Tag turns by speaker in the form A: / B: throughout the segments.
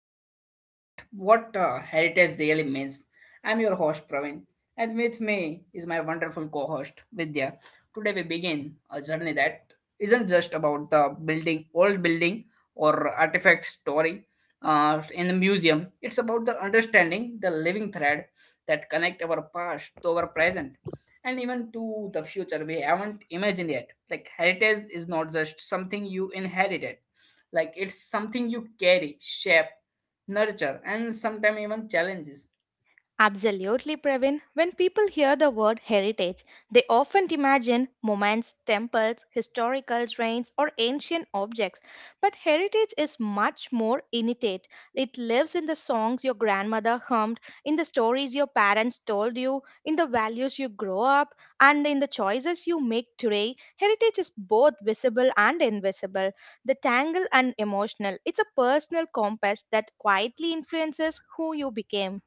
A: podcast. What heritage really means. I'm your host Praveen, and with me is my wonderful co-host Vidya. Today we begin a journey that isn't just about the building, old building, or artifact story in the museum. It's about the understanding the living thread that connect our past to our present and even to the future we haven't imagined yet. Like heritage is not just something you inherited, like it's something you carry, shape, nurture, and sometimes even challenges.
B: Absolutely, Pravin. When people hear the word heritage, they often imagine monuments, temples, historical trains, or ancient objects. But heritage is much more innate. It lives in the songs your grandmother hummed, in the stories your parents told you, in the values you grow up, and in the choices you make today. Heritage is both visible and invisible, the tangle and emotional. It's a personal compass that quietly influences who you became.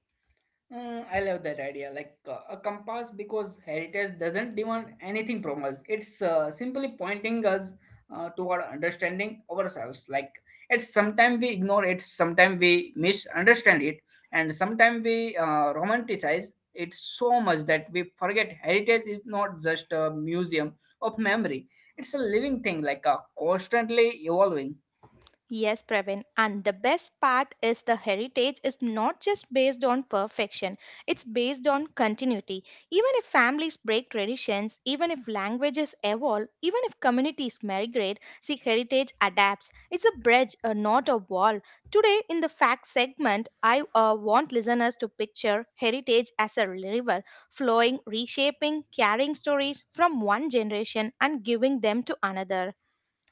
A: I love that idea, like a compass, because heritage doesn't demand anything from us. It's simply pointing us toward understanding ourselves. Like, it's sometimes we ignore it, sometimes we misunderstand it, and sometimes we romanticize it so much that we forget heritage is not just a museum of memory. It's a living thing, like a constantly evolving.
B: Yes, Praveen. And the best part is the heritage is not just based on perfection, it's based on continuity. Even if families break traditions, even if languages evolve, even if communities migrate, see, heritage adapts. It's a bridge, not a wall. Today, in the fact segment, I want listeners to picture heritage as a river flowing, reshaping, carrying stories from one generation and giving them to another.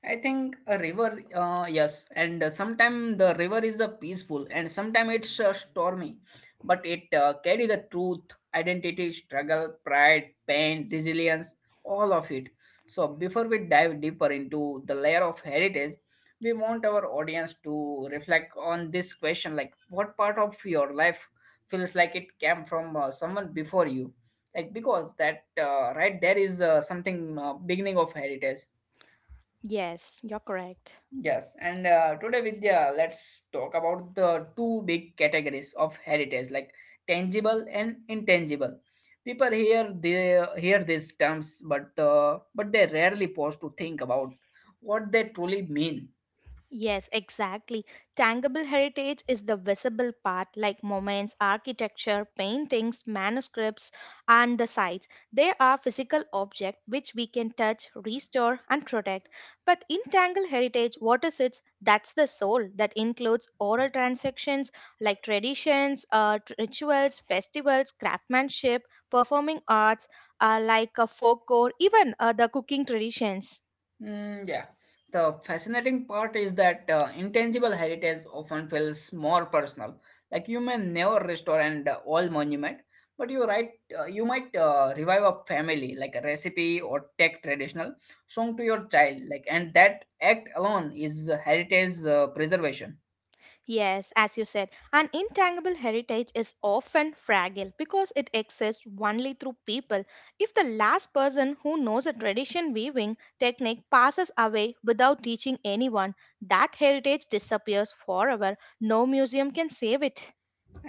A: I think a river, yes, and sometimes the river is peaceful, and sometimes it's stormy, but it carry the truth, identity, struggle, pride, pain, resilience, all of it. So before we dive deeper into the layer of heritage, we want our audience to reflect on this question: like, what part of your life feels like it came from someone before you? Like, because that right there is something beginning of heritage.
B: Yes, you're correct.
A: Yes, and today, Vidya, let's talk about the two big categories of heritage, like tangible and intangible. People hear these terms, but but they rarely pause to think about what they truly mean.
B: Yes, exactly. Tangible heritage is the visible part, like monuments, architecture, paintings, manuscripts, and the sites. They are physical objects which we can touch, restore, and protect. But intangible heritage, what is it? That's the soul that includes oral transactions like traditions, rituals, festivals, craftsmanship, performing arts, folk or even the cooking traditions.
A: Mm, yeah. The fascinating part is that intangible heritage often feels more personal. Like you may never restore an old monument, but you right, you might revive a family, like a recipe or tech traditional song to your child. Like, and that act alone is heritage preservation.
B: Yes, as you said, an intangible heritage is often fragile because it exists only through people. If the last person who knows a tradition weaving technique passes away without teaching anyone, that heritage disappears forever. No museum can save it.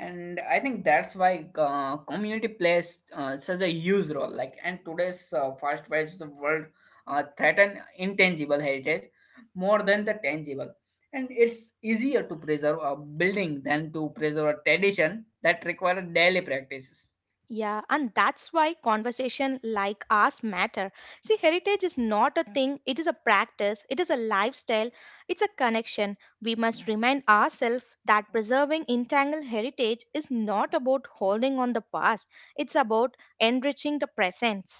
A: And I think that's why community plays such a huge role, like, and today's fast paced world threaten intangible heritage more than the tangible, and it's easier to preserve a building than to preserve a tradition that require daily practices.
B: Yeah, and that's why conversation like ours matter. See, heritage is not a thing, it is a practice, it is a lifestyle, it's a connection. We must remind ourselves that preserving entangled heritage is not about holding on the past, it's about enriching the present.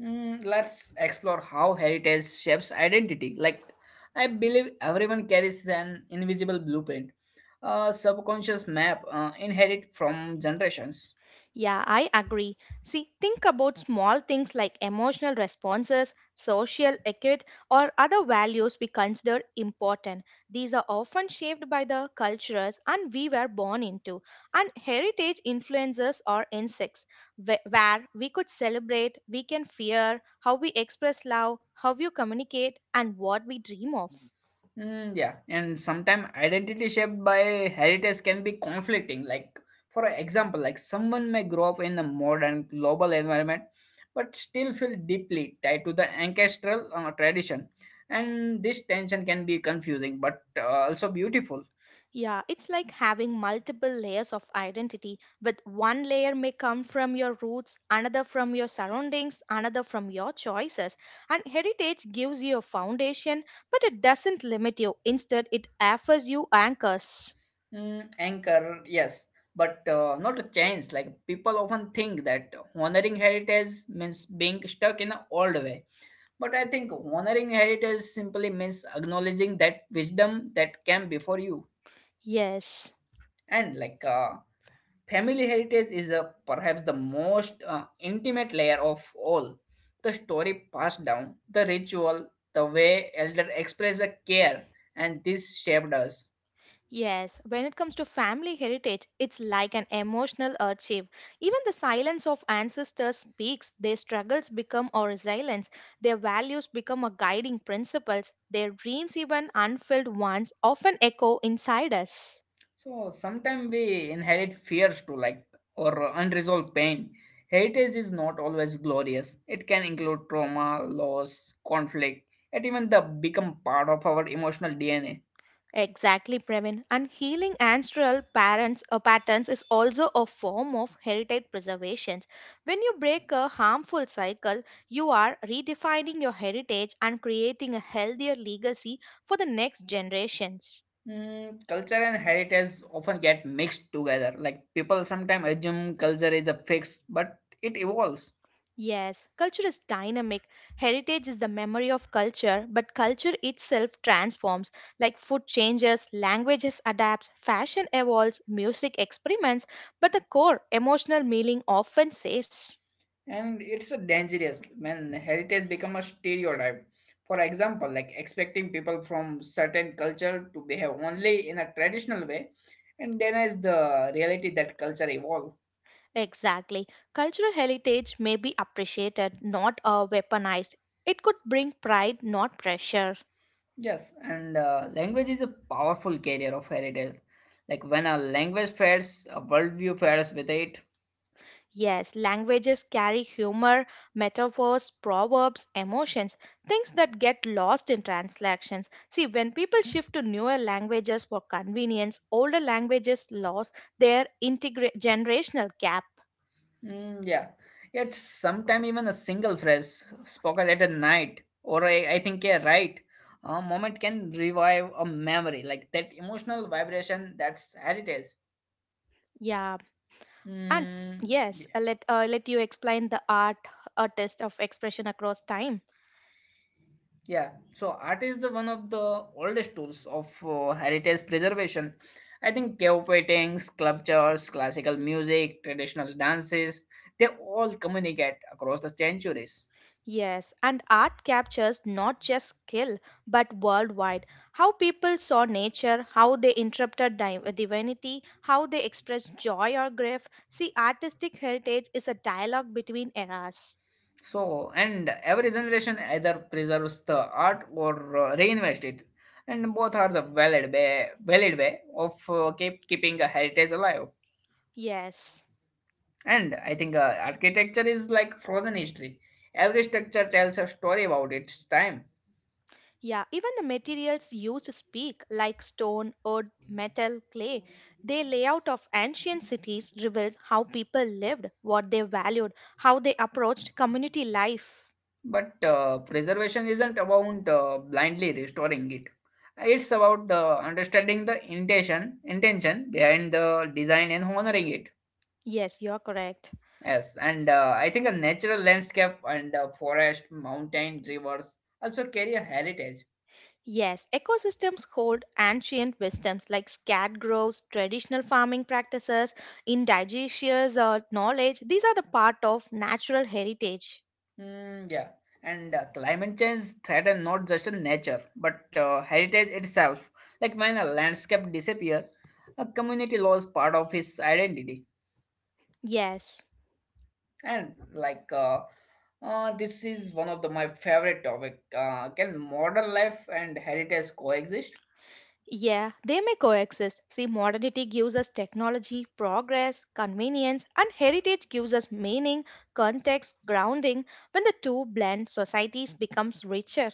A: Let's explore how heritage shapes identity. Like, I believe everyone carries an invisible blueprint, a subconscious map inherited from generations.
B: Yeah, I agree. See, think about small things like emotional responses, social etiquette, or other values we consider important. These are often shaped by the cultures and we were born into. And heritage influences or insects, where we could celebrate, we can fear, how we express love, how we communicate, and what we dream of.
A: Yeah, and sometimes identity shaped by heritage can be conflicting. Like, for example, like someone may grow up in a modern global environment, but still feel deeply tied to the ancestral tradition, and this tension can be confusing, but also beautiful.
B: Yeah, it's like having multiple layers of identity, with one layer may come from your roots, another from your surroundings, another from your choices. And heritage gives you a foundation, but it doesn't limit you. Instead, it offers you anchors.
A: Anchor, yes, but not a change. Like, people often think that honoring heritage means being stuck in an old way, but I think honoring heritage simply means acknowledging that wisdom that came before you.
B: Yes.
A: And like family heritage is perhaps the most intimate layer of all. The story passed down, the ritual, the way elder expressed the care, and this shaped us.
B: Yes, when it comes to family heritage, it's like an emotional archive. Even the silence of ancestors speaks, their struggles become our resilience, their values become our guiding principles, their dreams, even unfulfilled ones, often echo inside us.
A: So sometimes we inherit fears too, like, or unresolved pain. Heritage is not always glorious. It can include trauma, loss, conflict, and even the become part of our emotional DNA.
B: Exactly, Pravin. And healing ancestral parents patterns is also a form of heritage preservation. When you break a harmful cycle, you are redefining your heritage and creating a healthier legacy for the next generations.
A: Culture and heritage often get mixed together. Like, people sometimes assume culture is a fix, but it evolves.
B: Yes, culture is dynamic. Heritage is the memory of culture, but culture itself transforms. Like food changes, languages adapts, fashion evolves, music experiments, but the core emotional meaning often stays.
A: And it's a dangerous when heritage become a stereotype, for example, like expecting people from certain culture to behave only in a traditional way, and denies the reality that culture evolve.
B: Exactly. Cultural heritage may be appreciated, not weaponized. It could bring pride, not pressure.
A: Yes, and language is a powerful carrier of heritage, like when a language fades, a worldview fades with it.
B: Yes, languages carry humor, metaphors, proverbs, emotions, things that get lost in translations. See, when people shift to newer languages for convenience, older languages lose their generational gap.
A: Mm, yeah. Yet sometime even a single phrase spoken at a night, or I think a right, a moment can revive a memory, like that emotional vibration. That's heritage.
B: Yeah, and
A: Mm,
B: yes,
A: yeah.
B: let let you explain the art artist of expression across time.
A: Yeah. So art is the one of the oldest tools of heritage preservation. I think cave paintings, sculptures, classical music, traditional dances, they all communicate across the centuries.
B: Yes, and art captures not just skill but worldwide how people saw nature, how they interpreted divinity, how they expressed joy or grief. See, artistic heritage is a dialogue between eras.
A: So, and every generation either preserves the art or reinvest it, and both are the valid way of keeping a heritage alive.
B: Yes.
A: And I think architecture is like frozen history. Every structure tells a story about its time.
B: Yeah, even the materials used to speak, like stone, wood, metal, clay. The layout of ancient cities reveals how people lived, what they valued, how they approached community life.
A: But preservation isn't about blindly restoring it. It's about understanding the intention behind the design and honoring it.
B: Yes, you're correct.
A: Yes, and I think a natural landscape, and forest, mountain, rivers also carry a heritage.
B: Yes, ecosystems hold ancient wisdoms like scat groves, traditional farming practices, indigenous knowledge. These are the part of natural heritage.
A: Hmm. yeah, and climate change threaten not just a nature but heritage itself. Like when a landscape disappear, a community loses part of its identity.
B: Yes.
A: And like this is one of the my favorite topic. Can modern life and heritage coexist?
B: Yeah, they may coexist. See, modernity gives us technology, progress, convenience, and heritage gives us meaning, context, grounding. When the two blend, societies becomes richer.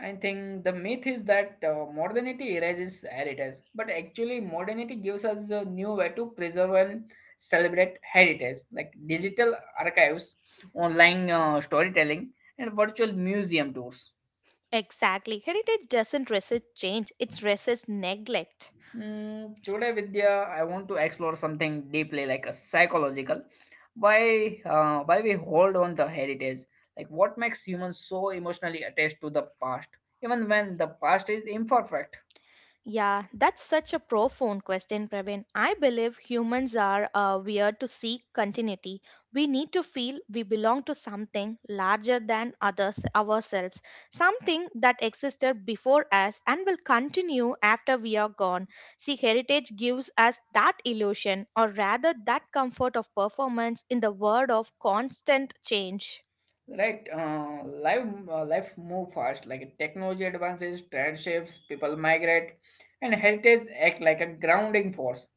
A: I think the myth is that modernity erases heritage, but actually, modernity gives us a new way to preserve and celebrate heritage, like digital archives, online storytelling, and virtual museum tours.
B: Exactly. Heritage doesn't resist change, it resists neglect.
A: Today, Vidya, I want to explore something deeply, like a psychological. Why we hold on the heritage? Like, what makes humans so emotionally attached to the past, even when the past is imperfect?
B: Yeah, that's such a profound question, Praveen. I believe humans are weird to seek continuity. We need to feel we belong to something larger than others ourselves, something that existed before us and will continue after we are gone. See, heritage gives us that illusion, or rather, that comfort of performance in the world of constant change.
A: Right, life move fast. Like technology advances, trend shifts, people migrate, and heritage act like a grounding force.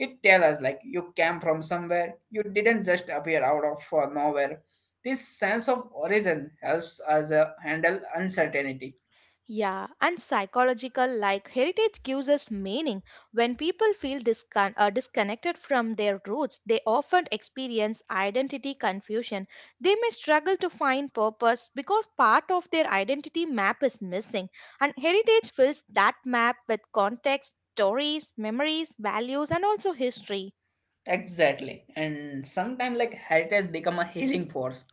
A: It tells us, like, you came from somewhere, you didn't just appear out of nowhere. This sense of origin helps us handle uncertainty.
B: Yeah, and psychological, like heritage gives us meaning. When people feel disconnected from their roots, they often experience identity confusion. They may struggle to find purpose because part of their identity map is missing, and heritage fills that map with context, stories, memories, values, and also history.
A: Exactly. And sometimes, like, heritage has become a healing force.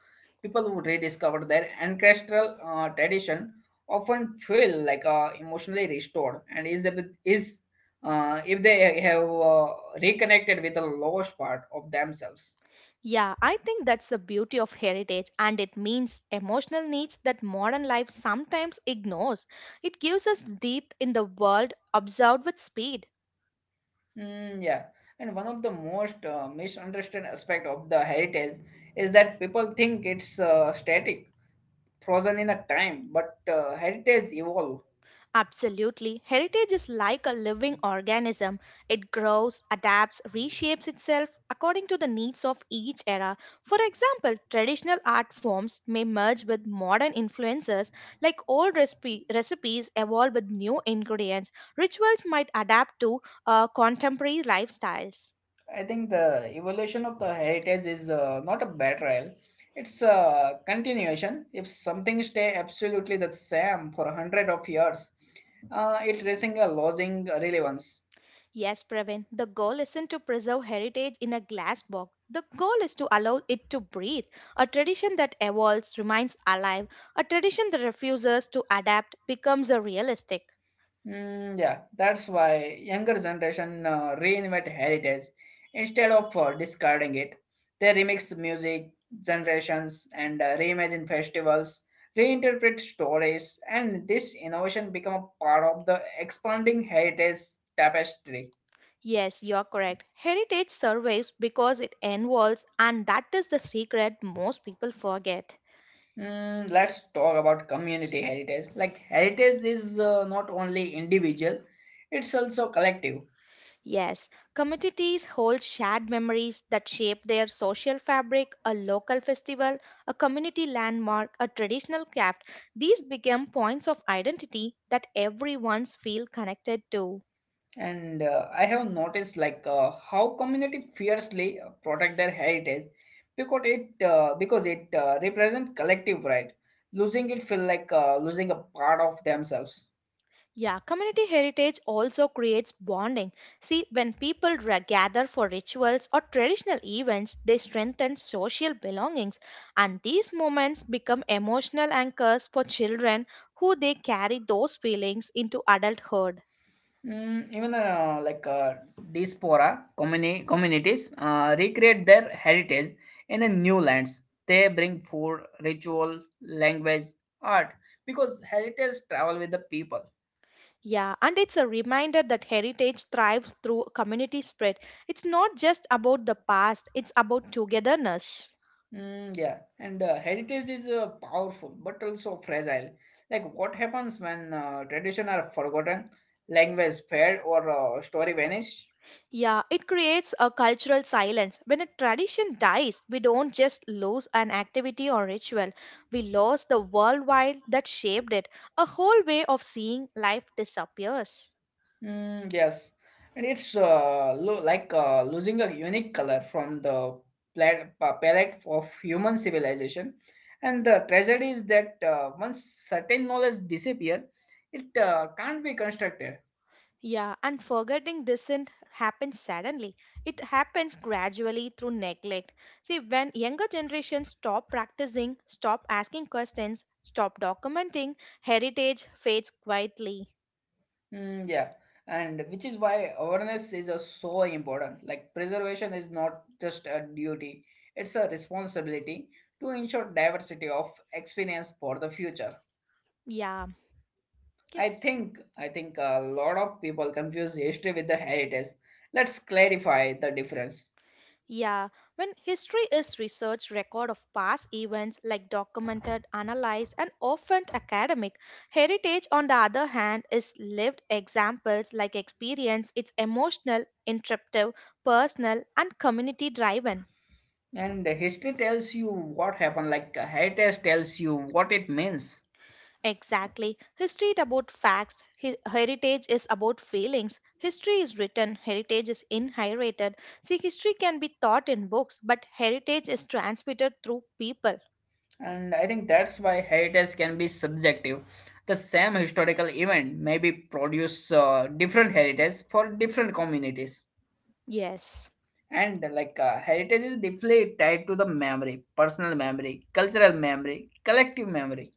A: People who rediscover their ancestral tradition often feel like emotionally restored and is, if they have reconnected with the lowest part of themselves.
B: Yeah, I think that's the beauty of heritage, and it means emotional needs that modern life sometimes ignores. It gives us depth in the world observed with speed.
A: Mm, yeah. And one of the most misunderstood aspect of the heritage is that people think it's static, frozen in a time, but heritage evolve.
B: Absolutely. Heritage is like a living organism. It grows, adapts, reshapes itself according to the needs of each era. For example, traditional art forms may merge with modern influences, like old recipe, recipes evolve with new ingredients. Rituals might adapt to contemporary lifestyles.
A: I think the evolution of the heritage is not a betrayal. It's a continuation. If something stay absolutely the same for a hundred of years, it risking a losing relevance.
B: Yes, Pravin. The goal isn't to preserve heritage in a glass box. The goal is to allow it to breathe. A tradition that evolves remains alive. A tradition that refuses to adapt becomes a realistic.
A: Yeah, that's why younger generation reinvent heritage instead of discarding it. They remix music generations and reimagine festivals, reinterpret stories, and this innovation become a part of the expanding heritage tapestry.
B: Yes, you're correct. Heritage survives because it involves, and that is the secret most people forget.
A: Let's talk about community heritage. Like heritage is not only individual; it's also collective.
B: Yes, communities hold shared memories that shape their social fabric, a local festival, a community landmark, a traditional craft. These become points of identity that everyone's feel connected to.
A: And I have noticed like how community fiercely protect their heritage, because it represents collective right. Losing it feel like losing a part of themselves.
B: Yeah, community heritage also creates bonding. See, when people gather for rituals or traditional events, they strengthen social belongings, and these moments become emotional anchors for children who they carry those feelings into adulthood.
A: Even diaspora communities recreate their heritage in a new lands. They bring food, ritual, language, art, because heritage travel with the people.
B: Yeah, and it's a reminder that heritage thrives through community spread. It's not just about the past, it's about togetherness.
A: Yeah, and heritage is powerful but also fragile. Like what happens when tradition are forgotten, language failed, or story vanish?
B: Yeah, it creates a cultural silence. When a tradition dies, we don't just lose an activity or ritual, we lose the worldwide that shaped it. A whole way of seeing life disappears.
A: Yes, and it's like losing a unique color from the palette of human civilization. And the tragedy is that once certain knowledge disappear, it can't be constructed.
B: Yeah, and forgetting doesn't happen suddenly. It happens gradually through neglect. See, when younger generations stop practicing, stop asking questions, stop documenting, heritage fades quietly.
A: Mm, yeah, and which is why awareness is so important. Like preservation is not just a duty; it's a responsibility to ensure diversity of experience for the future.
B: Yeah,
A: I
B: yes.
A: think I think a lot of people confuse history with the heritage. Let's clarify the difference.
B: Yeah, when history is research record of past events like documented, analyzed and often academic, heritage on the other hand is lived examples like experience, it's emotional, interpretive, personal and community driven.
A: And history tells you what happened, like heritage tells you what it means.
B: Exactly. History is about facts. Heritage is about feelings. History is written. Heritage is inherited. See, history can be taught in books, but heritage is transmitted through people.
A: And I think that's why heritage can be subjective. The same historical event maybe produce different heritage for different communities.
B: Yes.
A: And heritage is deeply tied to the memory, personal memory, cultural memory, collective memory.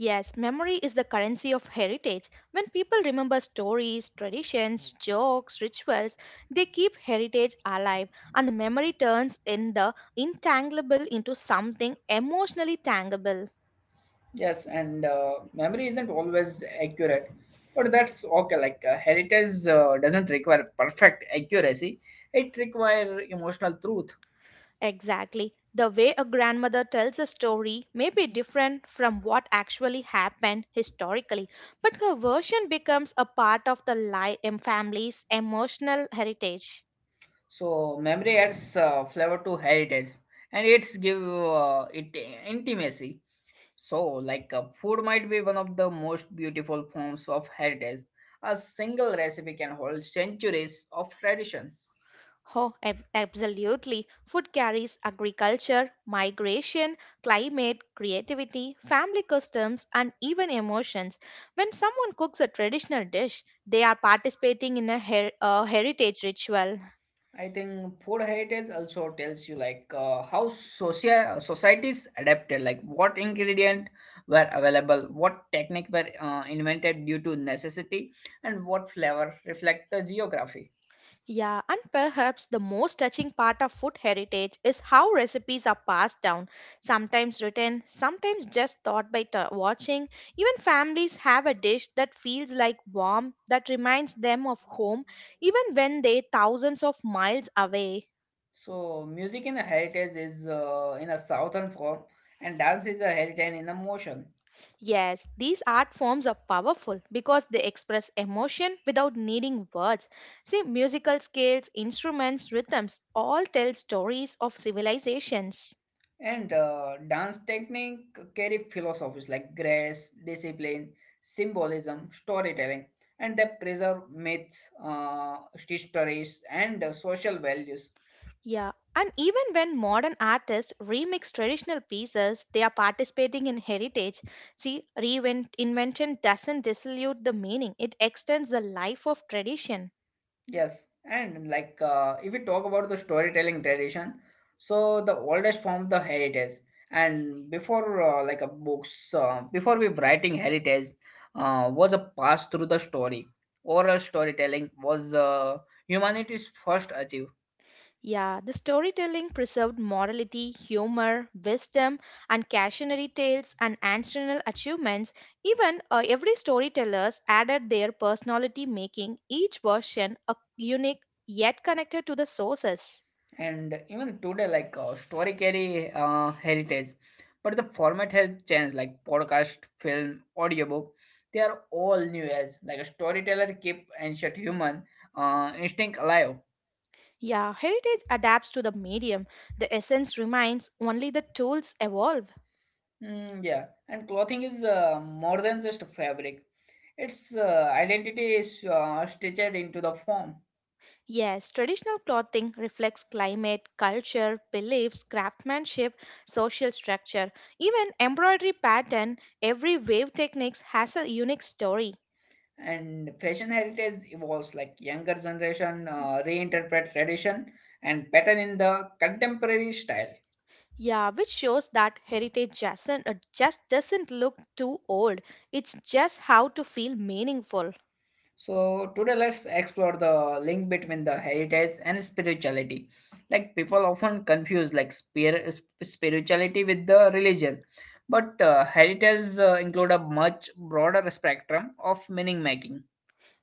B: Yes, memory is the currency of heritage. When people remember stories, traditions, jokes, rituals, they keep heritage alive and the memory turns in the intangible into something emotionally tangible.
A: Yes, and memory isn't always accurate, but that's okay. Like heritage doesn't require perfect accuracy; it requires emotional truth.
B: Exactly. The way a grandmother tells a story may be different from what actually happened historically, but her version becomes a part of the family's emotional heritage.
A: So memory adds flavor to heritage, and it's give it intimacy. So like food might be one of the most beautiful forms of heritage. A single recipe can hold centuries of tradition.
B: Oh, absolutely. Food carries agriculture, migration, climate, creativity, family customs, and even emotions. When someone cooks a traditional dish, they are participating in a heritage ritual.
A: I think food heritage also tells you like how social societies adapted, like what ingredient were available, what technique were invented due to necessity, and what flavor reflect the geography.
B: Yeah, and perhaps the most touching part of food heritage is how recipes are passed down, sometimes written, sometimes just thought by watching. Even families have a dish that feels like warm, that reminds them of home, even when they thousands of miles away.
A: So, music in a heritage is in a southern form, and dance is a heritage in a motion.
B: Yes, these art forms are powerful because they express emotion without needing words. See, musical scales, instruments, rhythms all tell stories of civilizations.
A: And dance technique carry philosophies like grace, discipline, symbolism, storytelling, and they preserve myths, histories, and social values.
B: Yeah, and even when modern artists remix traditional pieces, they are participating in heritage. See, reinvention doesn't dilute the meaning, it extends the life of tradition.
A: Yes, and like if we talk about the storytelling tradition, so the oldest form of the heritage, and before like a books, before we writing heritage, was a pass through the story. Oral storytelling was humanity's first achieve.
B: Yeah, the storytelling preserved morality, humor, wisdom, and cautionary tales and ancestral achievements. Even Every storytellers added their personality, making each version a unique yet connected to the sources.
A: And even today, story carry heritage, but the format has changed, like podcast, film, audiobook. They are all new as like a storyteller keep ancient human instinct alive.
B: Yeah, heritage adapts to the medium. The essence remains, only the tools evolve.
A: Yeah, and clothing is more than just fabric. Its identity is stitched into the form.
B: Yes, traditional clothing reflects climate, culture, beliefs, craftsmanship, social structure. Even embroidery pattern, every wave techniques has a unique story.
A: And fashion heritage evolves, like younger generation reinterpret tradition and pattern in the contemporary style.
B: Yeah, which shows that heritage doesn't, just doesn't look too old. It's just how to feel meaningful.
A: So today let's explore the link between the heritage and spirituality. Like, people often confuse like spirituality with the religion, but heritage include a much broader spectrum of meaning making.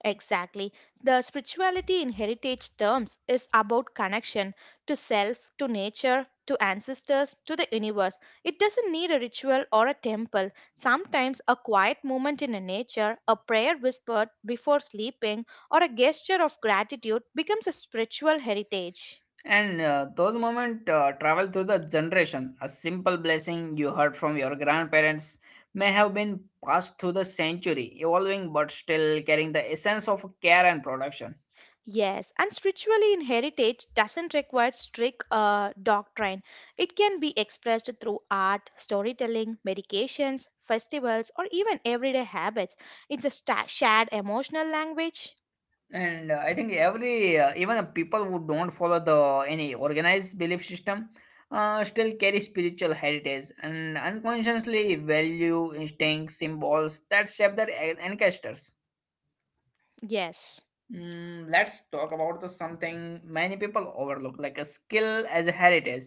B: Exactly. The spirituality in heritage terms is about connection to self, to nature, to ancestors, to the universe. It doesn't need a ritual or a temple. Sometimes a quiet moment in nature, a prayer whispered before sleeping, or a gesture of gratitude becomes a spiritual heritage.
A: And those moments travel through the generation. A simple blessing you heard from your grandparents may have been passed through the century, evolving but still carrying the essence of care and production.
B: Yes, and spiritually in heritage doesn't require strict doctrine. It can be expressed through art, storytelling, medications, festivals, or even everyday habits. It's a shared emotional language.
A: And I think every even the people who don't follow the any organized belief system still carry spiritual heritage and unconsciously value instincts, symbols that shape their ancestors.
B: Yes.
A: Let's talk about the something many people overlook, like a skill as a heritage.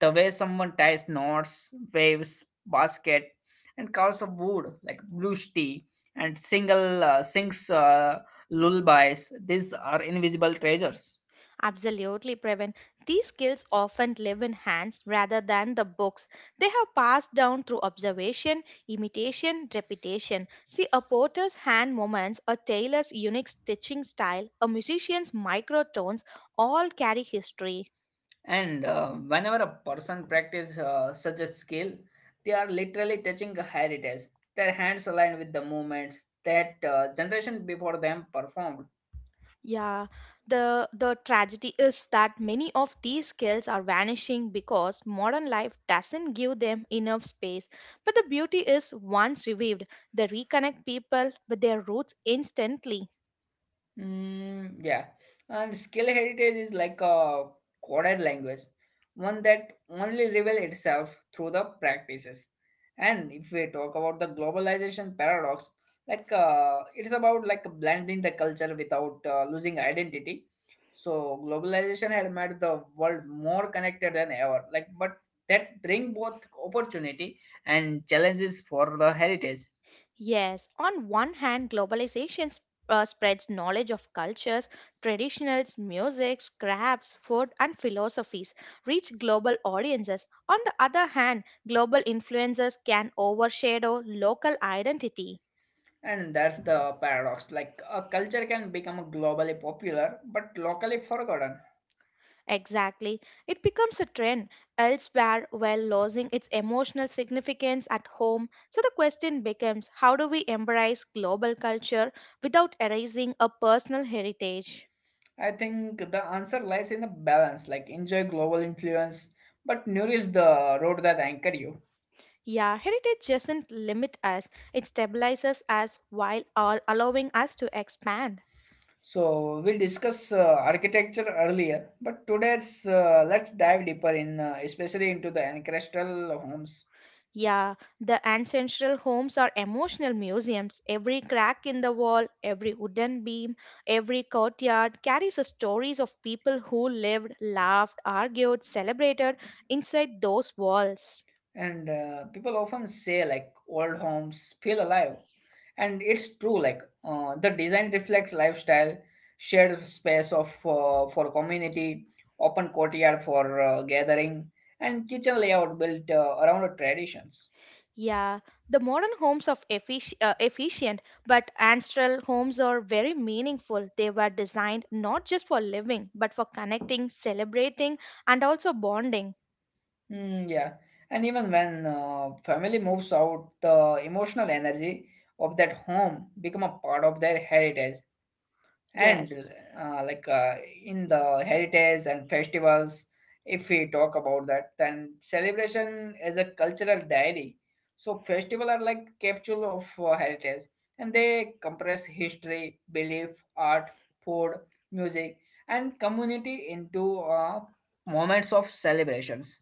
A: The way someone ties knots, waves, basket, and carves of wood, like blues tea, and single sings lullabies. These are invisible treasures.
B: Absolutely, Previn. These skills often live in hands rather than the books. They have passed down through observation, imitation, repetition. See, a potter's hand movements, a tailor's unique stitching style, a musician's microtones all carry history.
A: And whenever a person practice such a skill, they are literally touching a heritage. Their hands align with the movements that generation before them performed.
B: Yeah, the tragedy is that many of these skills are vanishing because modern life doesn't give them enough space. But the beauty is once revived, they reconnect people with their roots instantly.
A: Mm, yeah. And skill heritage is like a coded language, one that only reveals itself through the practices. And if we talk about the globalization paradox, it's about like blending the culture without losing identity. So globalization had made the world more connected than ever. Like, but that bring both opportunity and challenges for the heritage.
B: Yes, on one hand, spreads knowledge of cultures, traditionals, musics, crafts, food, and philosophies, reach global audiences. On the other hand, global influences can overshadow local identity.
A: And that's the paradox. Like a culture can become globally popular but locally forgotten.
B: Exactly. It becomes a trend elsewhere while losing its emotional significance at home. So the question becomes, how do we embrace global culture without erasing a personal heritage?
A: I think the answer lies in the balance, like enjoy global influence but nourish the road that anchor you.
B: Yeah, heritage doesn't limit us, it stabilizes us while all allowing us to expand.
A: So we discussed architecture earlier, but today's let's dive deeper in, especially into the ancestral homes.
B: Yeah, the ancestral homes are emotional museums. Every crack in the wall, every wooden beam, every courtyard carries the stories of people who lived, laughed, argued, celebrated inside those walls.
A: And people often say like old homes feel alive, and it's true. Like the design reflect lifestyle, shared space of for community, open courtyard for gathering, and kitchen layout built around the traditions.
B: Yeah, the modern homes are efficient, but ancestral homes are very meaningful. They were designed not just for living, but for connecting, celebrating, and also bonding.
A: Yeah, and even when family moves out, the emotional energy of that home become a part of their heritage. And
B: Yes.
A: uh, like uh, in the heritage and festivals, if we talk about that, then celebration is a cultural diary. So festival are like capsule of heritage, and they compress history, belief, art, food, music, and community into moments of celebrations.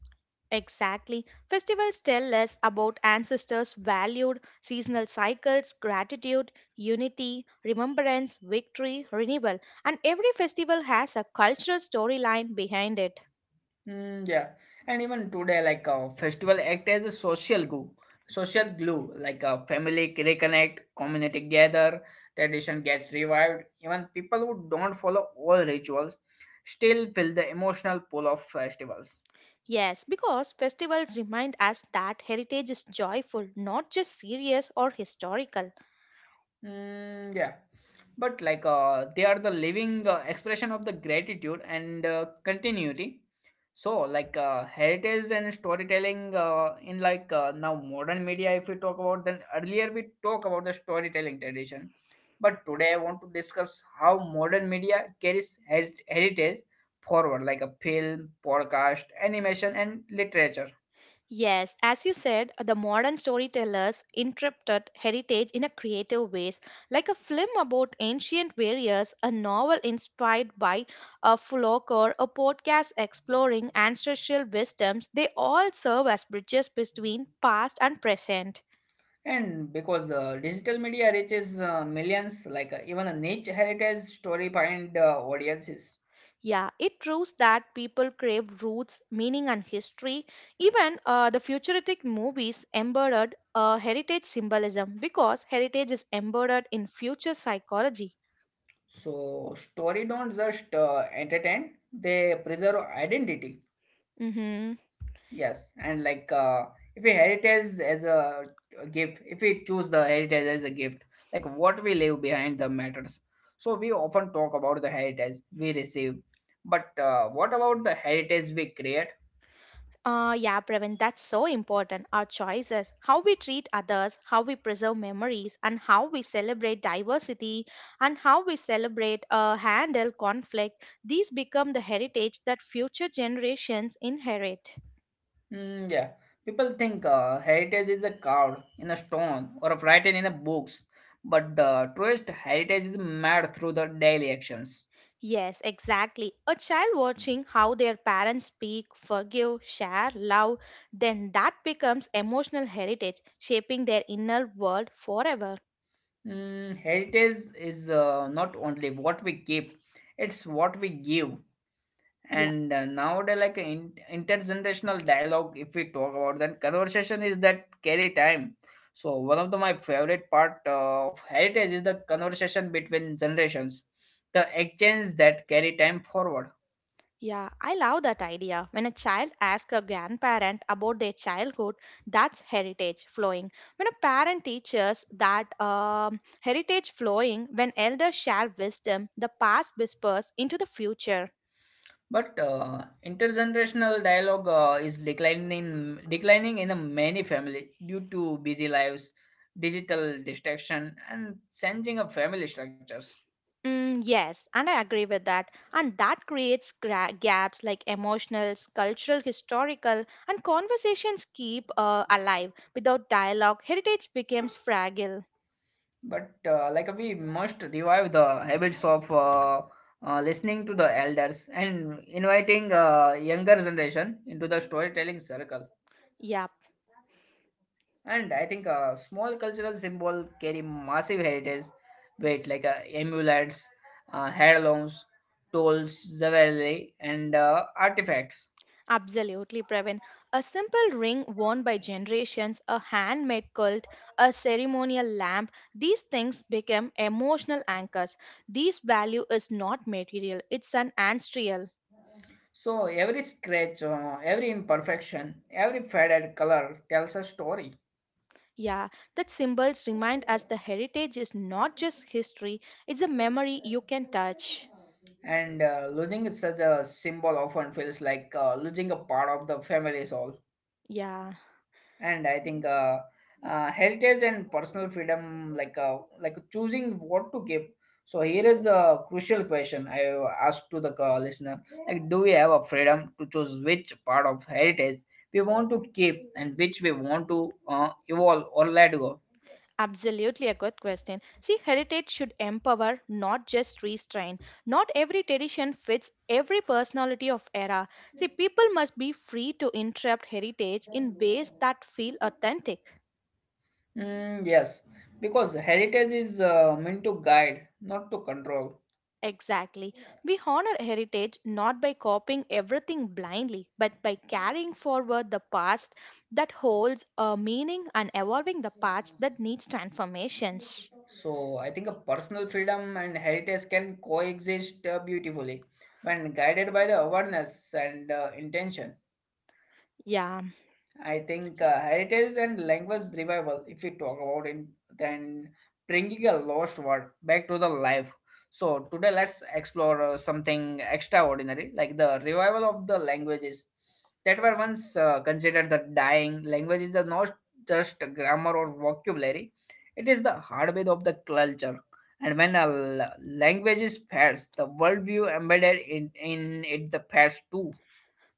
B: Exactly. Festivals tell us about ancestors' valued seasonal cycles, gratitude, unity, remembrance, victory, renewal, and every festival has a cultural storyline behind it.
A: Yeah, and even today, festival act as a social glue, family reconnect, community gather, tradition gets revived. Even people who don't follow all rituals still feel the emotional pull of festivals.
B: Yes, because festivals remind us that heritage is joyful, not just serious or historical.
A: Yeah, but they are the living expression of the gratitude and continuity. So heritage and storytelling in like now modern media, if we talk about, then earlier we talk about the storytelling tradition, but today I want to discuss how modern media carries heritage forward, like a film, podcast, animation, and literature.
B: Yes, as you said, the modern storytellers interpreted heritage in a creative ways, like a film about ancient warriors, a novel inspired by a folk or a podcast exploring ancestral wisdoms. They all serve as bridges between past and present.
A: And because digital media reaches millions, even a niche heritage story find audiences.
B: Yeah, it proves that people crave roots, meaning, and history. Even the futuristic movies embodied heritage symbolism because heritage is embodied in future psychology.
A: So story don't just entertain; they preserve identity.
B: Mm-hmm.
A: Yes, and if we heritage as a gift, if we choose the heritage as a gift, like what we leave behind the matters. So we often talk about the heritage we receive, but what about the heritage we create?
B: Yeah, Praveen, that's so important. Our choices, how we treat others, how we preserve memories, and how we celebrate diversity, and how we celebrate handle conflict, these become the heritage that future generations inherit.
A: Yeah, people think heritage is a carved in a stone or written in a books, but the truest heritage is made through the daily actions.
B: Yes, exactly. A child watching how their parents speak, forgive, share, love, then that becomes emotional heritage, shaping their inner world forever.
A: Heritage is not only what we keep; it's what we give.
B: Yeah.
A: And nowadays, like in, intergenerational dialogue, if we talk about that, conversation is that carry time. So one of the, my favorite part of heritage is the conversation between generations, the exchange that carry time forward.
B: Yeah, I love that idea. When a child asks a grandparent about their childhood, that's heritage flowing. When a parent teaches that heritage flowing, when elders share wisdom, the past whispers into the future.
A: But intergenerational dialogue is declining in, declining in a many family due to busy lives, digital distraction, and changing of family structures.
B: Mm, yes, and I agree with that. And that creates gaps like emotional, cultural, historical, and conversations keep alive. Without dialogue, heritage becomes fragile.
A: But like we must revive the habits of listening to the elders and inviting younger generation into the storytelling circle.
B: Yeah.
A: And I think a small cultural symbol carry massive heritage weight, like amulets, heirlooms, tools, jewelry, and artifacts.
B: Absolutely, Pravin. A simple ring worn by generations, a handmade quilt, a ceremonial lamp, these things become emotional anchors. This value is not material, it's an ancestral.
A: So every scratch, every imperfection, every faded color tells a story.
B: Yeah, that symbols remind us the heritage is not just history, it's a memory you can touch.
A: And losing such a symbol often feels like losing a part of the family soul.
B: Yeah.
A: And I think heritage and personal freedom, like choosing what to give. So here is a crucial question I asked to the listener, like do we have a freedom to choose which part of heritage we want to keep and which we want to evolve or let go.
B: Absolutely a good question. See, heritage should empower, not just restrain. Not every tradition fits every personality of era. See, people must be free to interrupt heritage in ways that feel authentic.
A: Yes, because heritage is meant to guide, not to control.
B: Exactly. We honor heritage not by copying everything blindly, but by carrying forward the past that holds a meaning and evolving the past that needs transformations.
A: So I think a personal freedom and heritage can coexist beautifully when guided by the awareness and intention.
B: Yeah.
A: I think heritage and language revival, if we talk about it, then bringing a lost word back to the life. So today, let's explore something extraordinary, like the revival of the languages that were once considered the dying. Languages are not just grammar or vocabulary; it is the heartbeat of the culture. And when a language is fades, the worldview embedded in it the fades too.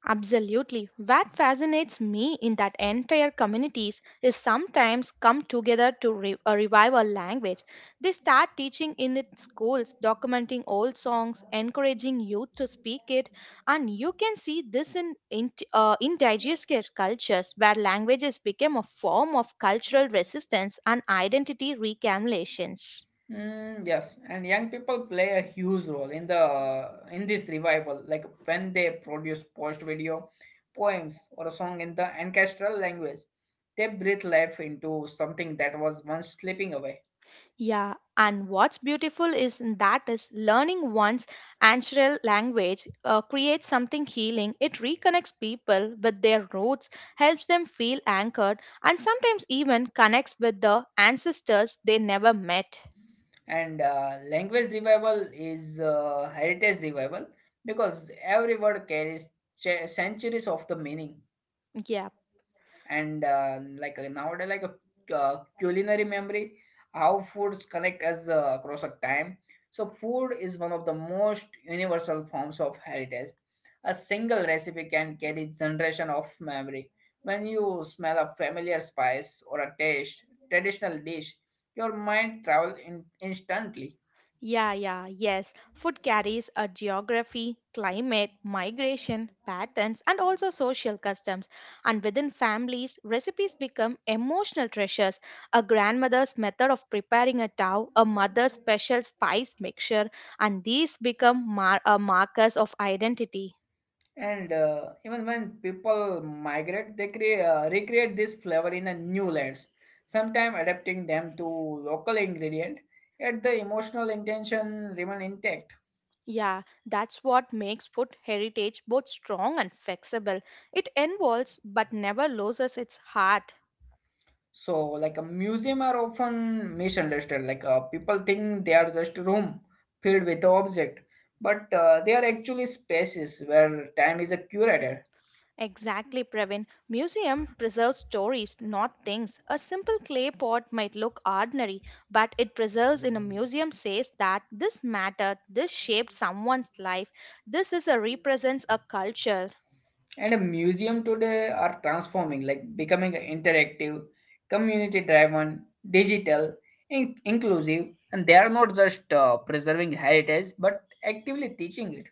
B: Absolutely. What fascinates me in that entire communities is sometimes come together to revive a language. They start teaching in it schools, documenting old songs, encouraging youth to speak it, and you can see this in indigenous cultures where languages became a form of cultural resistance and identity reclamation.
A: Yes, and young people play a huge role in the in this revival. Like when they produce post video, poems, or a song in the ancestral language, they breathe life into something that was once slipping away.
B: Yeah, and what's beautiful is that is learning one's ancestral language creates something healing. It reconnects people with their roots, helps them feel anchored, and sometimes even connects with the ancestors they never met.
A: And language revival is heritage revival because every word carries centuries of the meaning.
B: Yeah.
A: And nowadays like a culinary memory, how foods connect us across a time. So food is one of the most universal forms of heritage. A single recipe can carry generation of memory. When you smell a familiar spice or a taste traditional dish, your mind travel instantly.
B: Yeah, yeah, yes. Food carries a geography, climate, migration, patterns, and also social customs. And within families, recipes become emotional treasures. A grandmother's method of preparing a tau, a mother's special spice mixture, and these become markers of identity.
A: And even when people migrate, they create, recreate this flavor in a new layers, sometimes adapting them to local ingredient, yet the emotional intention remain intact.
B: Yeah, that's what makes food heritage both strong and flexible. It evolves but never loses its heart.
A: So, like a museum are often misunderstood. Like people think they are just room filled with object, but they are actually spaces where time is a curator.
B: Exactly, Pravin. Museum preserves stories, not things. A simple clay pot might look ordinary, but it preserves in a museum says that this mattered, this shaped someone's life, this is a represents a culture.
A: And a museum today are transforming, like becoming interactive, community driven, digital, inclusive, and they are not just preserving heritage but actively teaching it.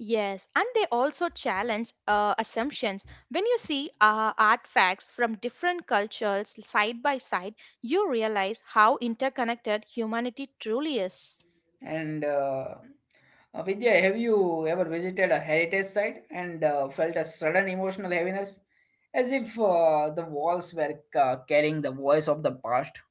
B: Yes, and they also challenge assumptions. When you see artifacts from different cultures side by side, you realize how interconnected humanity truly is.
A: And Vidya, have you ever visited a heritage site and felt a sudden emotional heaviness, as if the walls were carrying the voice of the past?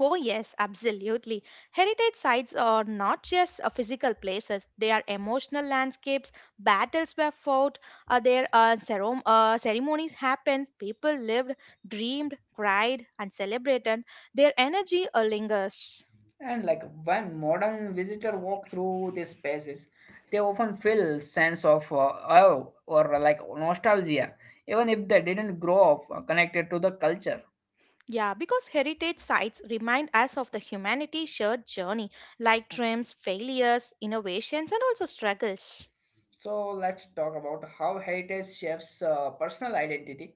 B: Oh, yes, absolutely. Heritage sites are not just physical places, they are emotional landscapes. Battles were fought, there ceremonies happened, people lived, dreamed, cried, and celebrated. Their energy lingers.
A: And like when modern visitor walk through these spaces, they often feel sense of awe or like nostalgia, even if they didn't grow up connected to the culture.
B: Yeah, because heritage sites remind us of the humanity shared journey, like triumphs, failures, innovations, and also struggles.
A: So let's talk about how heritage shapes personal identity.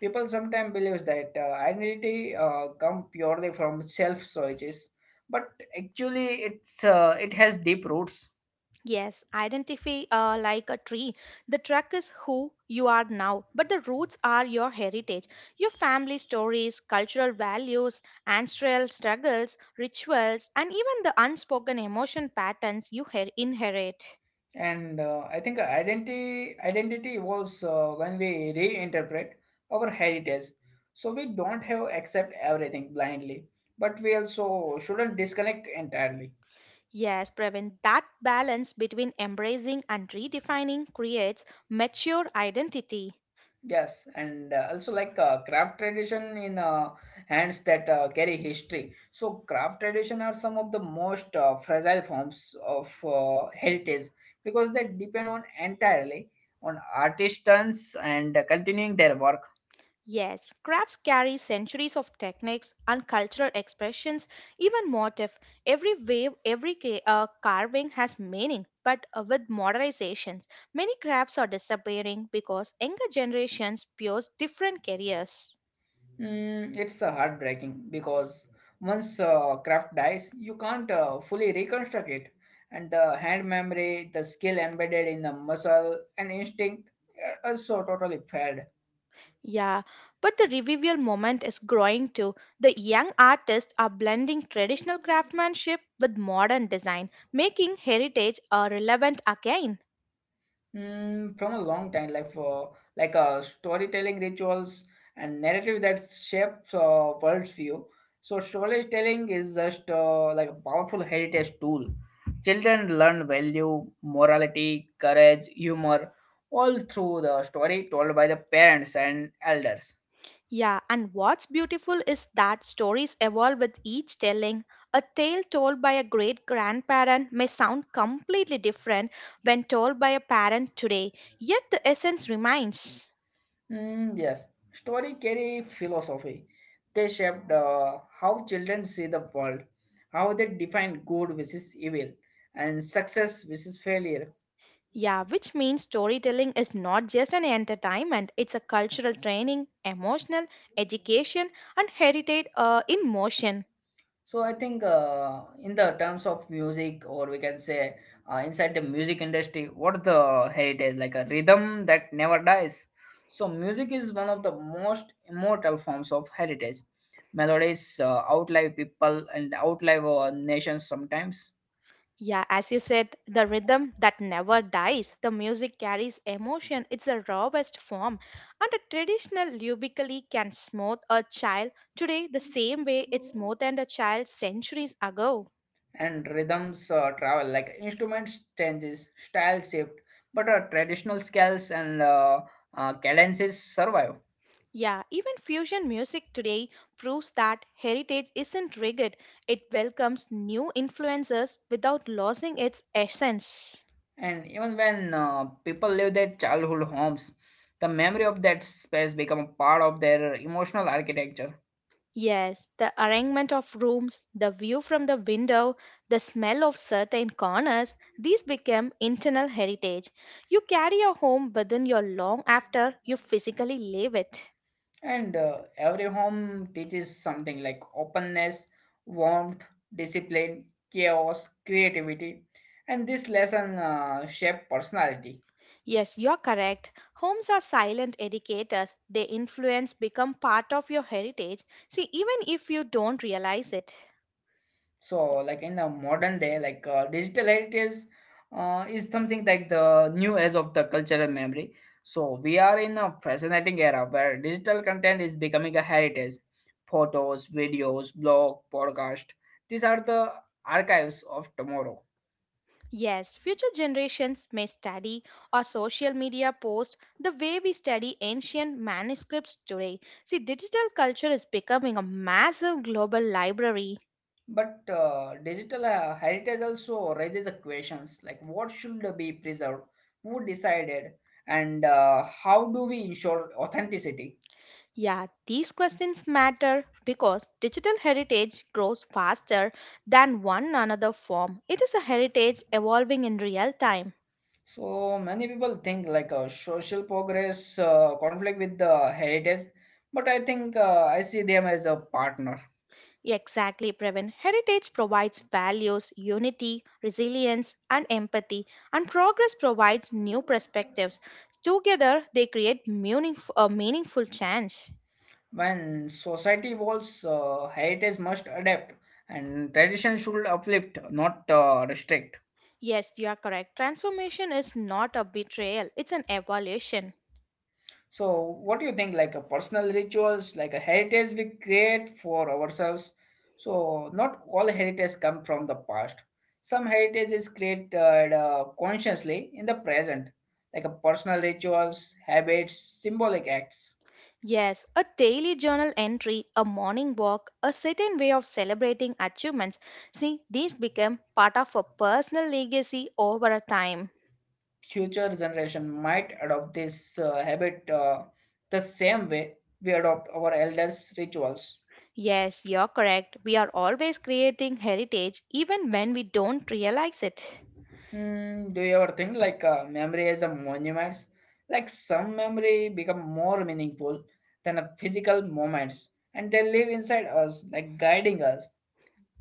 A: People sometimes believe that identity come purely from self choices, but actually it's it has deep roots.
B: Yes, identify like a tree. The truck is who you are now, but the roots are your heritage, your family stories, cultural values, ancestral struggles, rituals, and even the unspoken emotion patterns you inherit.
A: And I think identity evolves when we reinterpret our heritage. So we don't have accept everything blindly, but we also shouldn't disconnect entirely.
B: Yes, Praveen, that balance between embracing and redefining creates mature identity.
A: Yes, and also like craft tradition in hands that carry history. So craft tradition are some of the most fragile forms of heritage because they depend on entirely on artisans and continuing their work.
B: Yes, crafts carry centuries of techniques and cultural expressions, even motif. Every wave, every carving has meaning, but with modernizations, many crafts are disappearing because younger generations pursue different careers.
A: It's heartbreaking because once craft dies, you can't fully reconstruct it. And the hand memory, the skill embedded in the muscle and instinct are so totally failed.
B: Yeah, but the revival moment is growing too. The young artists are blending traditional craftsmanship with modern design, making heritage relevant again.
A: Mm, from a long time, like for storytelling rituals and narrative that shapes worldview. So storytelling is just like a powerful heritage tool. Children learn value, morality, courage, humor, all through the story told by the parents and elders.
B: Yeah, and what's beautiful is that stories evolve with each telling. A tale told by a great grandparent may sound completely different when told by a parent today, yet the essence remains.
A: Mm, yes, story carry philosophy. They shape how children see the world, how they define good versus evil, and success versus failure.
B: Yeah, which means storytelling is not just an entertainment, it's a cultural training, emotional, education, and heritage in motion.
A: So I think in the terms of music, or we can say inside the music industry, what the heritage like a rhythm that never dies. So music is one of the most immortal forms of heritage. Melodies outlive people and outlive our nations sometimes.
B: Yeah, as you said, the rhythm that never dies. The music carries emotion. It's the rawest form. And a traditional lubically can smooth a child today the same way it smoothed a child centuries ago.
A: And rhythms travel, like instruments changes, style shift, but traditional scales and cadences survive.
B: Yeah, even fusion music today proves that heritage isn't rigid. It welcomes new influences without losing its essence.
A: And even when people leave their childhood homes, the memory of that space become a part of their emotional architecture.
B: Yes, the arrangement of rooms, the view from the window, the smell of certain corners, these become internal heritage. You carry your home within you long after you physically leave it.
A: And every home teaches something, like openness, warmth, discipline, chaos, creativity, and this lesson shape personality.
B: Yes, you're correct. Homes are silent educators. Their influence become part of your heritage. See, even if you don't realize it.
A: So, like in the modern day, digital heritage is something like the new age of the cultural memory. So, we are in a fascinating era where digital content is becoming a heritage. Photos, videos, blog, podcast. These are the archives of tomorrow.
B: Yes, future generations may study or social media post the way we study ancient manuscripts today. See, digital culture is becoming a massive global library.
A: But digital heritage also raises the questions like what should be preserved, who decided, and how do we ensure authenticity?
B: Yeah, these questions matter because digital heritage grows faster than one another form. It is a heritage evolving in real time.
A: So many people think like social progress conflict with the heritage, but I see them as a partner.
B: Exactly, Pravin. Heritage provides values, unity, resilience, and empathy, and progress provides new perspectives. Together, they create a meaningful change.
A: When society evolves, heritage must adapt, and tradition should uplift, not restrict.
B: Yes, you are correct. Transformation is not a betrayal, it's an evolution.
A: So, what do you think? Like a personal rituals, like a heritage we create for ourselves. So, not all heritage come from the past. Some heritage is created consciously in the present, like a personal rituals, habits, symbolic acts.
B: Yes, a daily journal entry, a morning walk, a certain way of celebrating achievements. See, these become part of a personal legacy over a time.
A: Future generation might adopt this habit the same way we adopt our elders' rituals.
B: Yes, you're correct. We are always creating heritage even when we don't realize it.
A: Do you ever think like memory as a monuments? Like some memory become more meaningful than a physical moments, and they live inside us, like guiding us.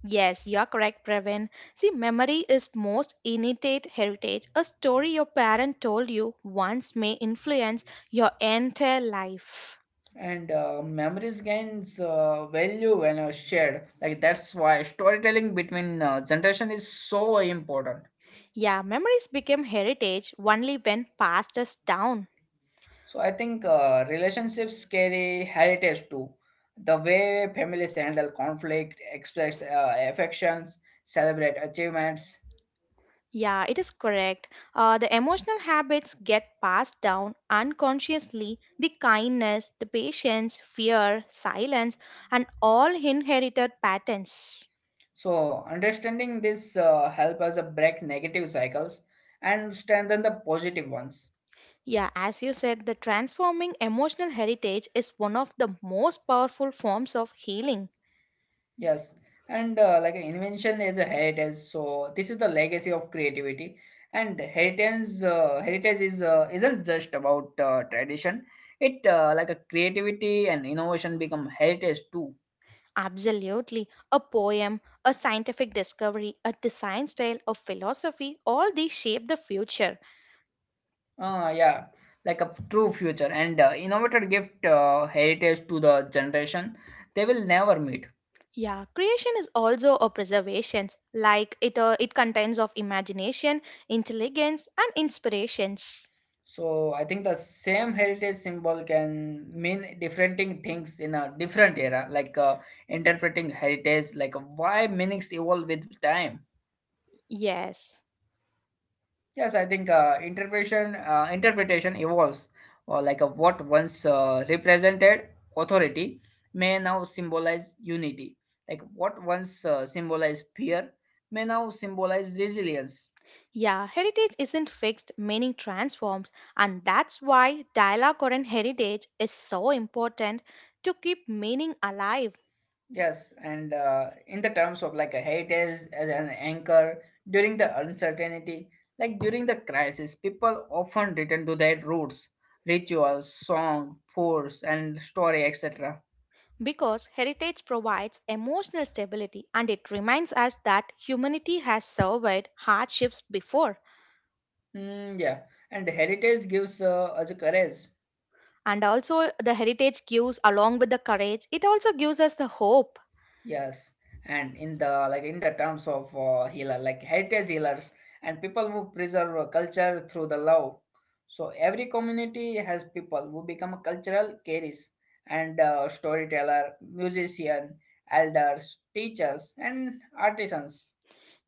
B: Yes, you're correct, Pravin. See, memory is most innate heritage. A story your parent told you once may influence your entire life.
A: And memories gains value when shared. Like that's why storytelling between generation is so important.
B: Yeah, memories become heritage only when passed us down.
A: So I think relationships carry heritage too. The way families handle conflict, express affections, celebrate achievements.
B: Yeah, it is correct. The emotional habits get passed down unconsciously. The kindness, the patience, fear, silence, and all inherited patterns.
A: So understanding this help us break negative cycles and strengthen the positive ones.
B: Yeah, as you said, the transforming emotional heritage is one of the most powerful forms of healing.
A: Yes, and like an invention is a heritage. So this is the legacy of creativity. And heritage is isn't just about tradition. It like a creativity and innovation become heritage too.
B: Absolutely. A poem, a scientific discovery, a design style, a philosophy, all these shape the future.
A: Yeah, like a true future and innovator gift heritage to the generation they will never meet.
B: Yeah, creation is also a preservation, like it contains of imagination, intelligence, and inspirations.
A: So I think the same heritage symbol can mean different things in a different era, like interpreting heritage, like why meanings evolve with time.
B: Yes.
A: Yes, I think interpretation evolves, or like what once represented authority may now symbolize unity. Like what once symbolized fear may now symbolize resilience.
B: Yeah, heritage isn't fixed, meaning transforms, and that's why dialogue or an heritage is so important to keep meaning alive
A: Yes, and in the terms of like a hate is as an anchor during the uncertainty, like during the crisis, people often return to their roots, rituals, song, force, and story, etc.
B: because heritage provides emotional stability and it reminds us that humanity has survived hardships before.
A: Mm, yeah, and heritage gives us courage.
B: And also the heritage gives along with the courage it also gives us the hope.
A: Yes, and in the terms of healer, like heritage healers and people who preserve culture through the love. So every community has people who become cultural carriers and storyteller, musician, elders, teachers, and artisans,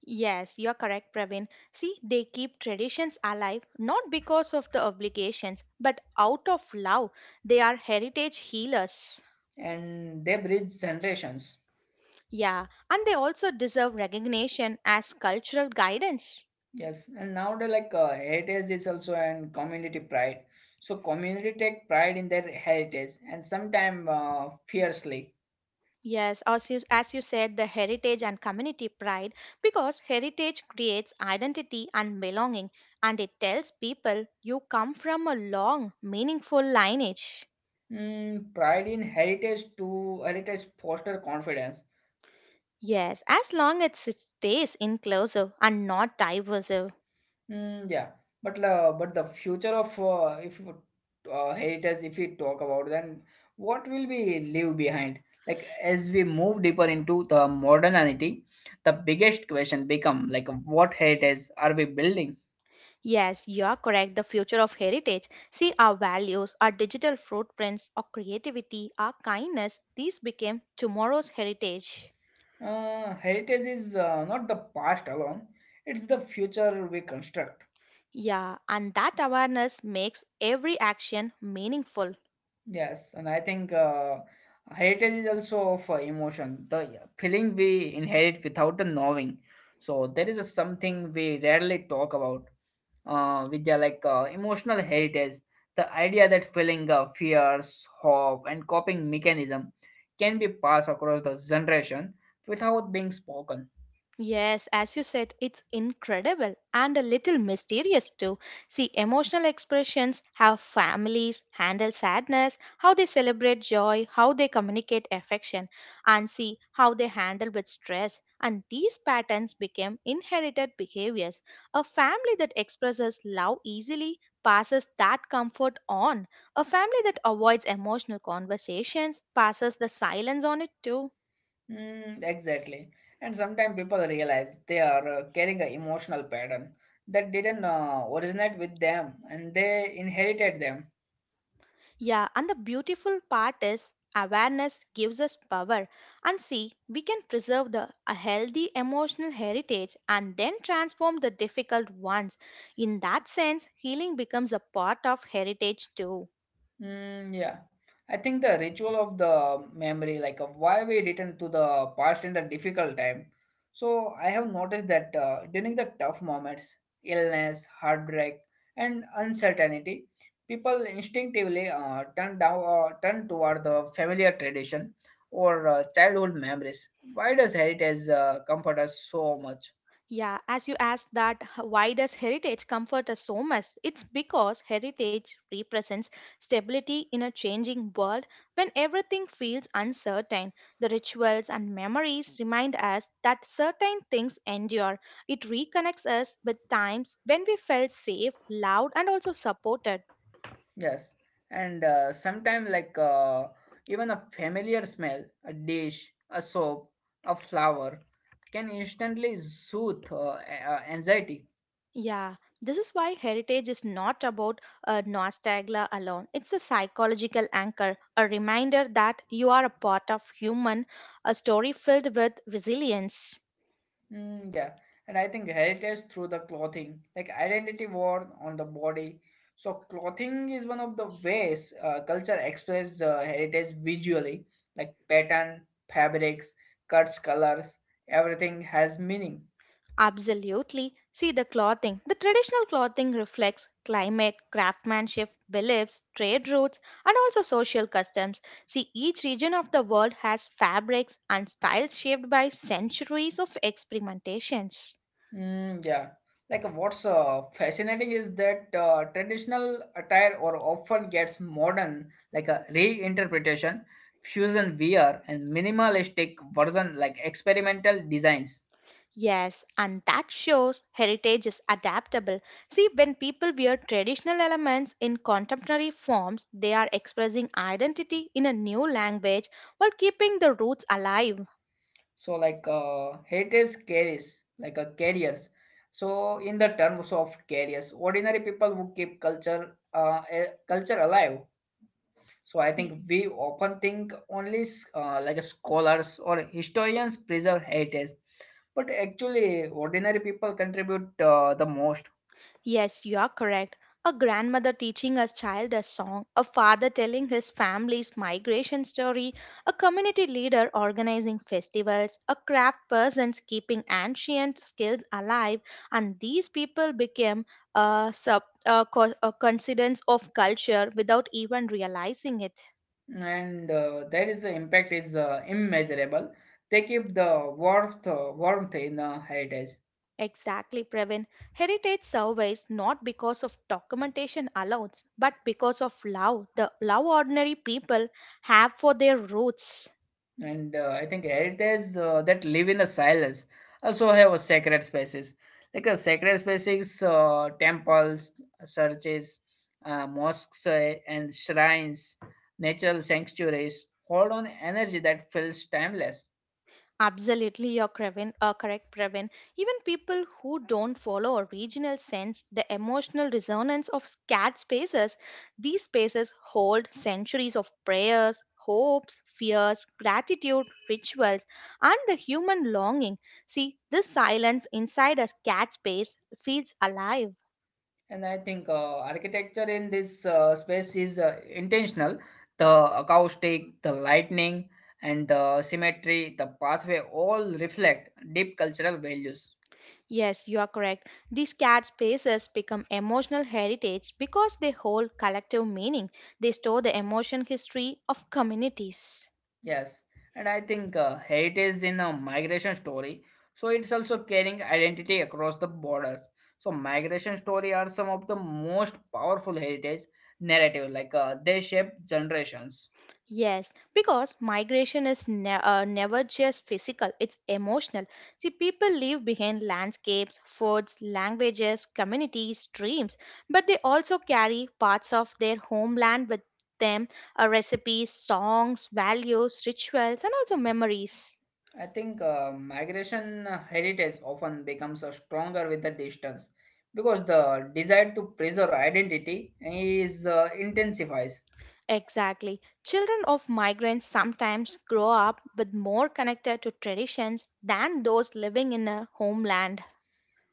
B: Yes, you're correct, Praveen. See, they keep traditions alive not because of the obligations, but out of love. They are heritage healers.
A: and they bridge generations.
B: Yeah, and they also deserve recognition as cultural guidance.
A: Yes, and nowadays like heritage is also an community pride. So community take pride in their heritage and sometimes fiercely.
B: Yes, as you said, the heritage and community pride, because heritage creates identity and belonging, and it tells people you come from a long, meaningful lineage.
A: Mm, pride in heritage to heritage foster confidence.
B: Yes, as long as it stays inclusive and not diverse.
A: Mm, yeah, but the future of if you- heritage, if we talk about, then what will we leave behind? Like as we move deeper into the modernity, the biggest question become like what heritage are we building?
B: Yes, you are correct. The future of heritage. See, our values, our digital footprints, our creativity, our kindness, these became tomorrow's heritage.
A: Heritage is not the past alone; it's the future we construct.
B: Yeah, and that awareness makes every action meaningful.
A: Yes, and I think heritage is also of emotion, the feeling we inherit without the knowing. So there is a something we rarely talk about with the like emotional heritage. The idea that feeling fears, hope, and coping mechanism can be passed across the generation without being spoken.
B: Yes, as you said, it's incredible and a little mysterious too. See, emotional expressions, how families handle sadness, how they celebrate joy, how they communicate affection, and see how they handle with stress. And these patterns became inherited behaviors. A family that expresses love easily passes that comfort on. A family that avoids emotional conversations passes the silence on it too.
A: Mm, exactly. And sometimes people realize they are carrying an emotional pattern that didn't originate with them and they inherited them.
B: Yeah, and the beautiful part is awareness gives us power. And see, we can preserve the a healthy emotional heritage and then transform the difficult ones. In that sense, healing becomes a part of heritage too.
A: Mm, yeah. I think the ritual of the memory, like of why we return to the past in the difficult time. So I have noticed that during the tough moments, illness, heartbreak, and uncertainty, people instinctively turn toward the familiar tradition or childhood memories. Why does heritage comfort us so much?
B: Yeah, as you asked that, why does heritage comfort us so much? It's because heritage represents stability in a changing world when everything feels uncertain. The rituals and memories remind us that certain things endure. It reconnects us with times when we felt safe, loved, and also supported.
A: Yes, and sometimes like even a familiar smell, a dish, a soap, a flower can instantly soothe anxiety.
B: Yeah, this is why heritage is not about a nostalgia alone. It's a psychological anchor, a reminder that you are a part of human, a story filled with resilience.
A: Mm, yeah, and I think heritage through the clothing, like identity worn on the body. So clothing is one of the ways culture expresses heritage visually, like pattern, fabrics, cuts, colors. Everything has meaning.
B: Absolutely. See the clothing. The traditional clothing reflects climate, craftsmanship, beliefs, trade routes, and also social customs. See, each region of the world has fabrics and styles shaped by centuries of experimentations.
A: Mm, yeah. Like what's fascinating is that traditional attire or often gets modern like a reinterpretation, fusion wear and minimalistic version like experimental designs.
B: Yes, and that shows heritage is adaptable. See, when people wear traditional elements in contemporary forms, they are expressing identity in a new language while keeping the roots alive.
A: So like heritage carries like a carriers. So in the terms of carriers, ordinary people who keep culture alive. So I think we often think only like scholars or historians preserve heritage, but actually ordinary people contribute the most,
B: Yes, you are correct. A grandmother teaching a child a song, a father telling his family's migration story, a community leader organizing festivals, a craft person keeping ancient skills alive, and these people became a, sub, a, co- a coincidence of culture without even realizing it.
A: and there is the impact is immeasurable. They keep the warmth in heritage.
B: Exactly, Pravin. Heritage surveys not because of documentation alone, but because of love, the love ordinary people have for their roots.
A: And I think heritage that live in the silence also have a sacred spaces. Like a sacred spaces, temples, churches, mosques, and shrines, natural sanctuaries hold on energy that feels timeless.
B: Absolutely, you're Previn, correct, Previn. Even people who don't follow a regional sense, the emotional resonance of sacred spaces, these spaces hold centuries of prayers, hopes, fears, gratitude, rituals, and the human longing. See, this silence inside a sacred space feels alive.
A: And I think architecture in this space is intentional. The acoustic, the lightning, and the symmetry, the pathway all reflect deep cultural values.
B: Yes, you are correct. These sacred spaces become emotional heritage because they hold collective meaning. They store the emotion history of communities.
A: Yes, and I think Haiti is in a migration story, so it's also carrying identity across the borders. So migration story are some of the most powerful heritage narrative, like they shape generations.
B: Yes, because migration is never just physical, it's emotional. See, people leave behind landscapes, foods, languages, communities, dreams, but they also carry parts of their homeland with them recipes, songs, values, rituals, and also memories.
A: I think migration heritage often becomes stronger with the distance because the desire to preserve identity is intensifies.
B: Exactly. Children of migrants sometimes grow up with more connected to traditions than those living in a homeland.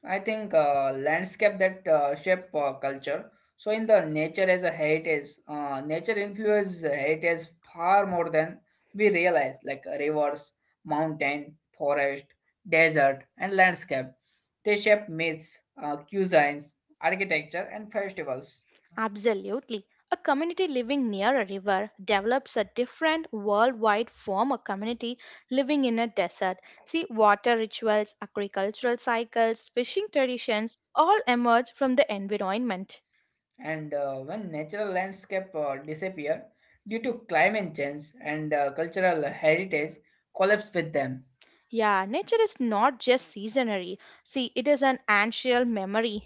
A: I think landscape that shape culture. So in the nature as a heritage, nature influences heritage far more than we realize. Like rivers, mountain, forest, desert, and landscape. They shape myths, cuisines, architecture, and festivals.
B: Absolutely. A community living near a river develops a different worldwide form of community living in a desert. See, water rituals, agricultural cycles, fishing traditions all emerge from the environment.
A: And when natural landscape disappear due to climate change and cultural heritage collapse with them.
B: Yeah, nature is not just seasonary. See, it is an ancestral memory.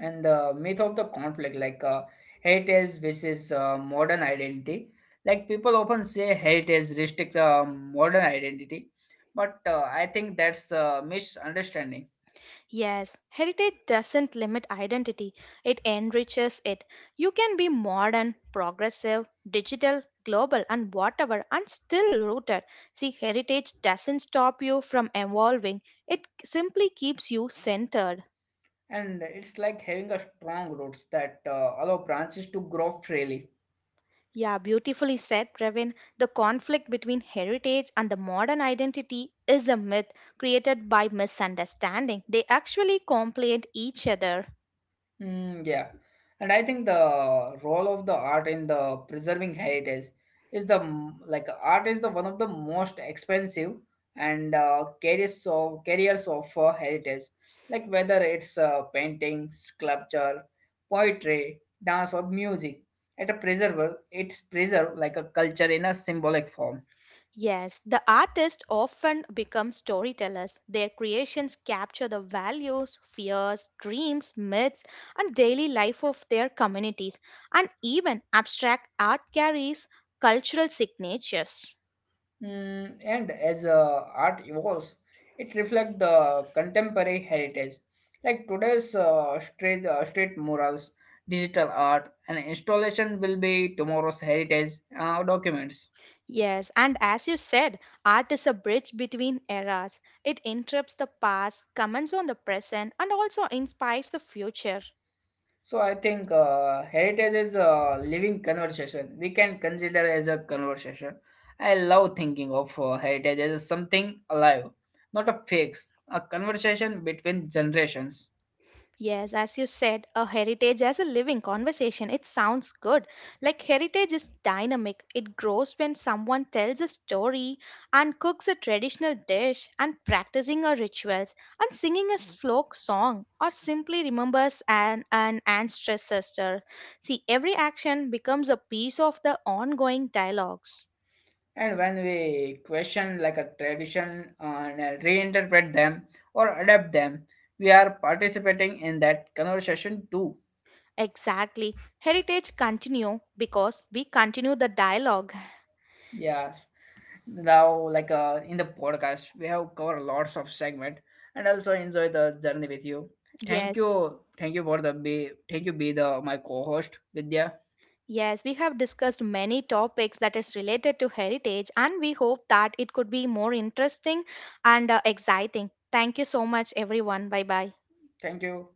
A: And the myth of the conflict like hate is which modern identity like people often say hate is restrict modern identity but I think that's a misunderstanding.
B: Yes, heritage doesn't limit identity, it enriches it. You can be modern, progressive, digital, global, and whatever, and still rooted. See, heritage doesn't stop you from evolving, it simply keeps you centered.
A: And it's like having a strong roots that allow branches to grow freely.
B: Yeah, beautifully said, Pravin. The conflict between heritage and the modern identity is a myth created by misunderstanding. They actually complement each other.
A: Mm, yeah, and I think the role of the art in the preserving heritage is like art is the one of the most expensive and carriers of heritage, like whether it's painting, sculpture, poetry, dance, or music. It's preserved like a culture in a symbolic form.
B: Yes, the artists often become storytellers. Their creations capture the values, fears, dreams, myths, and daily life of their communities. And even abstract art carries cultural signatures.
A: Mm, and as art evolves, it reflects the contemporary heritage, like today's street murals, digital art, and installation will be tomorrow's heritage documents.
B: Yes, and as you said, art is a bridge between eras. It interrupts the past, comments on the present, and also inspires the future.
A: So I think heritage is a living conversation. We can consider as a conversation. I love thinking of heritage as something alive, not a fix, a conversation between generations.
B: Yes, as you said, a heritage as a living conversation, it sounds good. Like heritage is dynamic. It grows when someone tells a story and cooks a traditional dish and practicing our rituals and singing a folk song or simply remembers an ancestor. See, every action becomes a piece of the ongoing dialogues.
A: And when we question like a tradition and reinterpret them or adapt them, we are participating in that conversation too.
B: Exactly. Heritage continue because we continue the dialogue.
A: Yeah. Now, like in the podcast, we have covered lots of segment and also enjoy the journey with you. Thank
B: Yes.
A: you, thank you for the be, thank you be the my co-host Vidya.
B: Yes, we have discussed many topics that is related to heritage, and we hope that it could be more interesting and exciting. Thank you so much, everyone. Bye bye.
A: Thank you.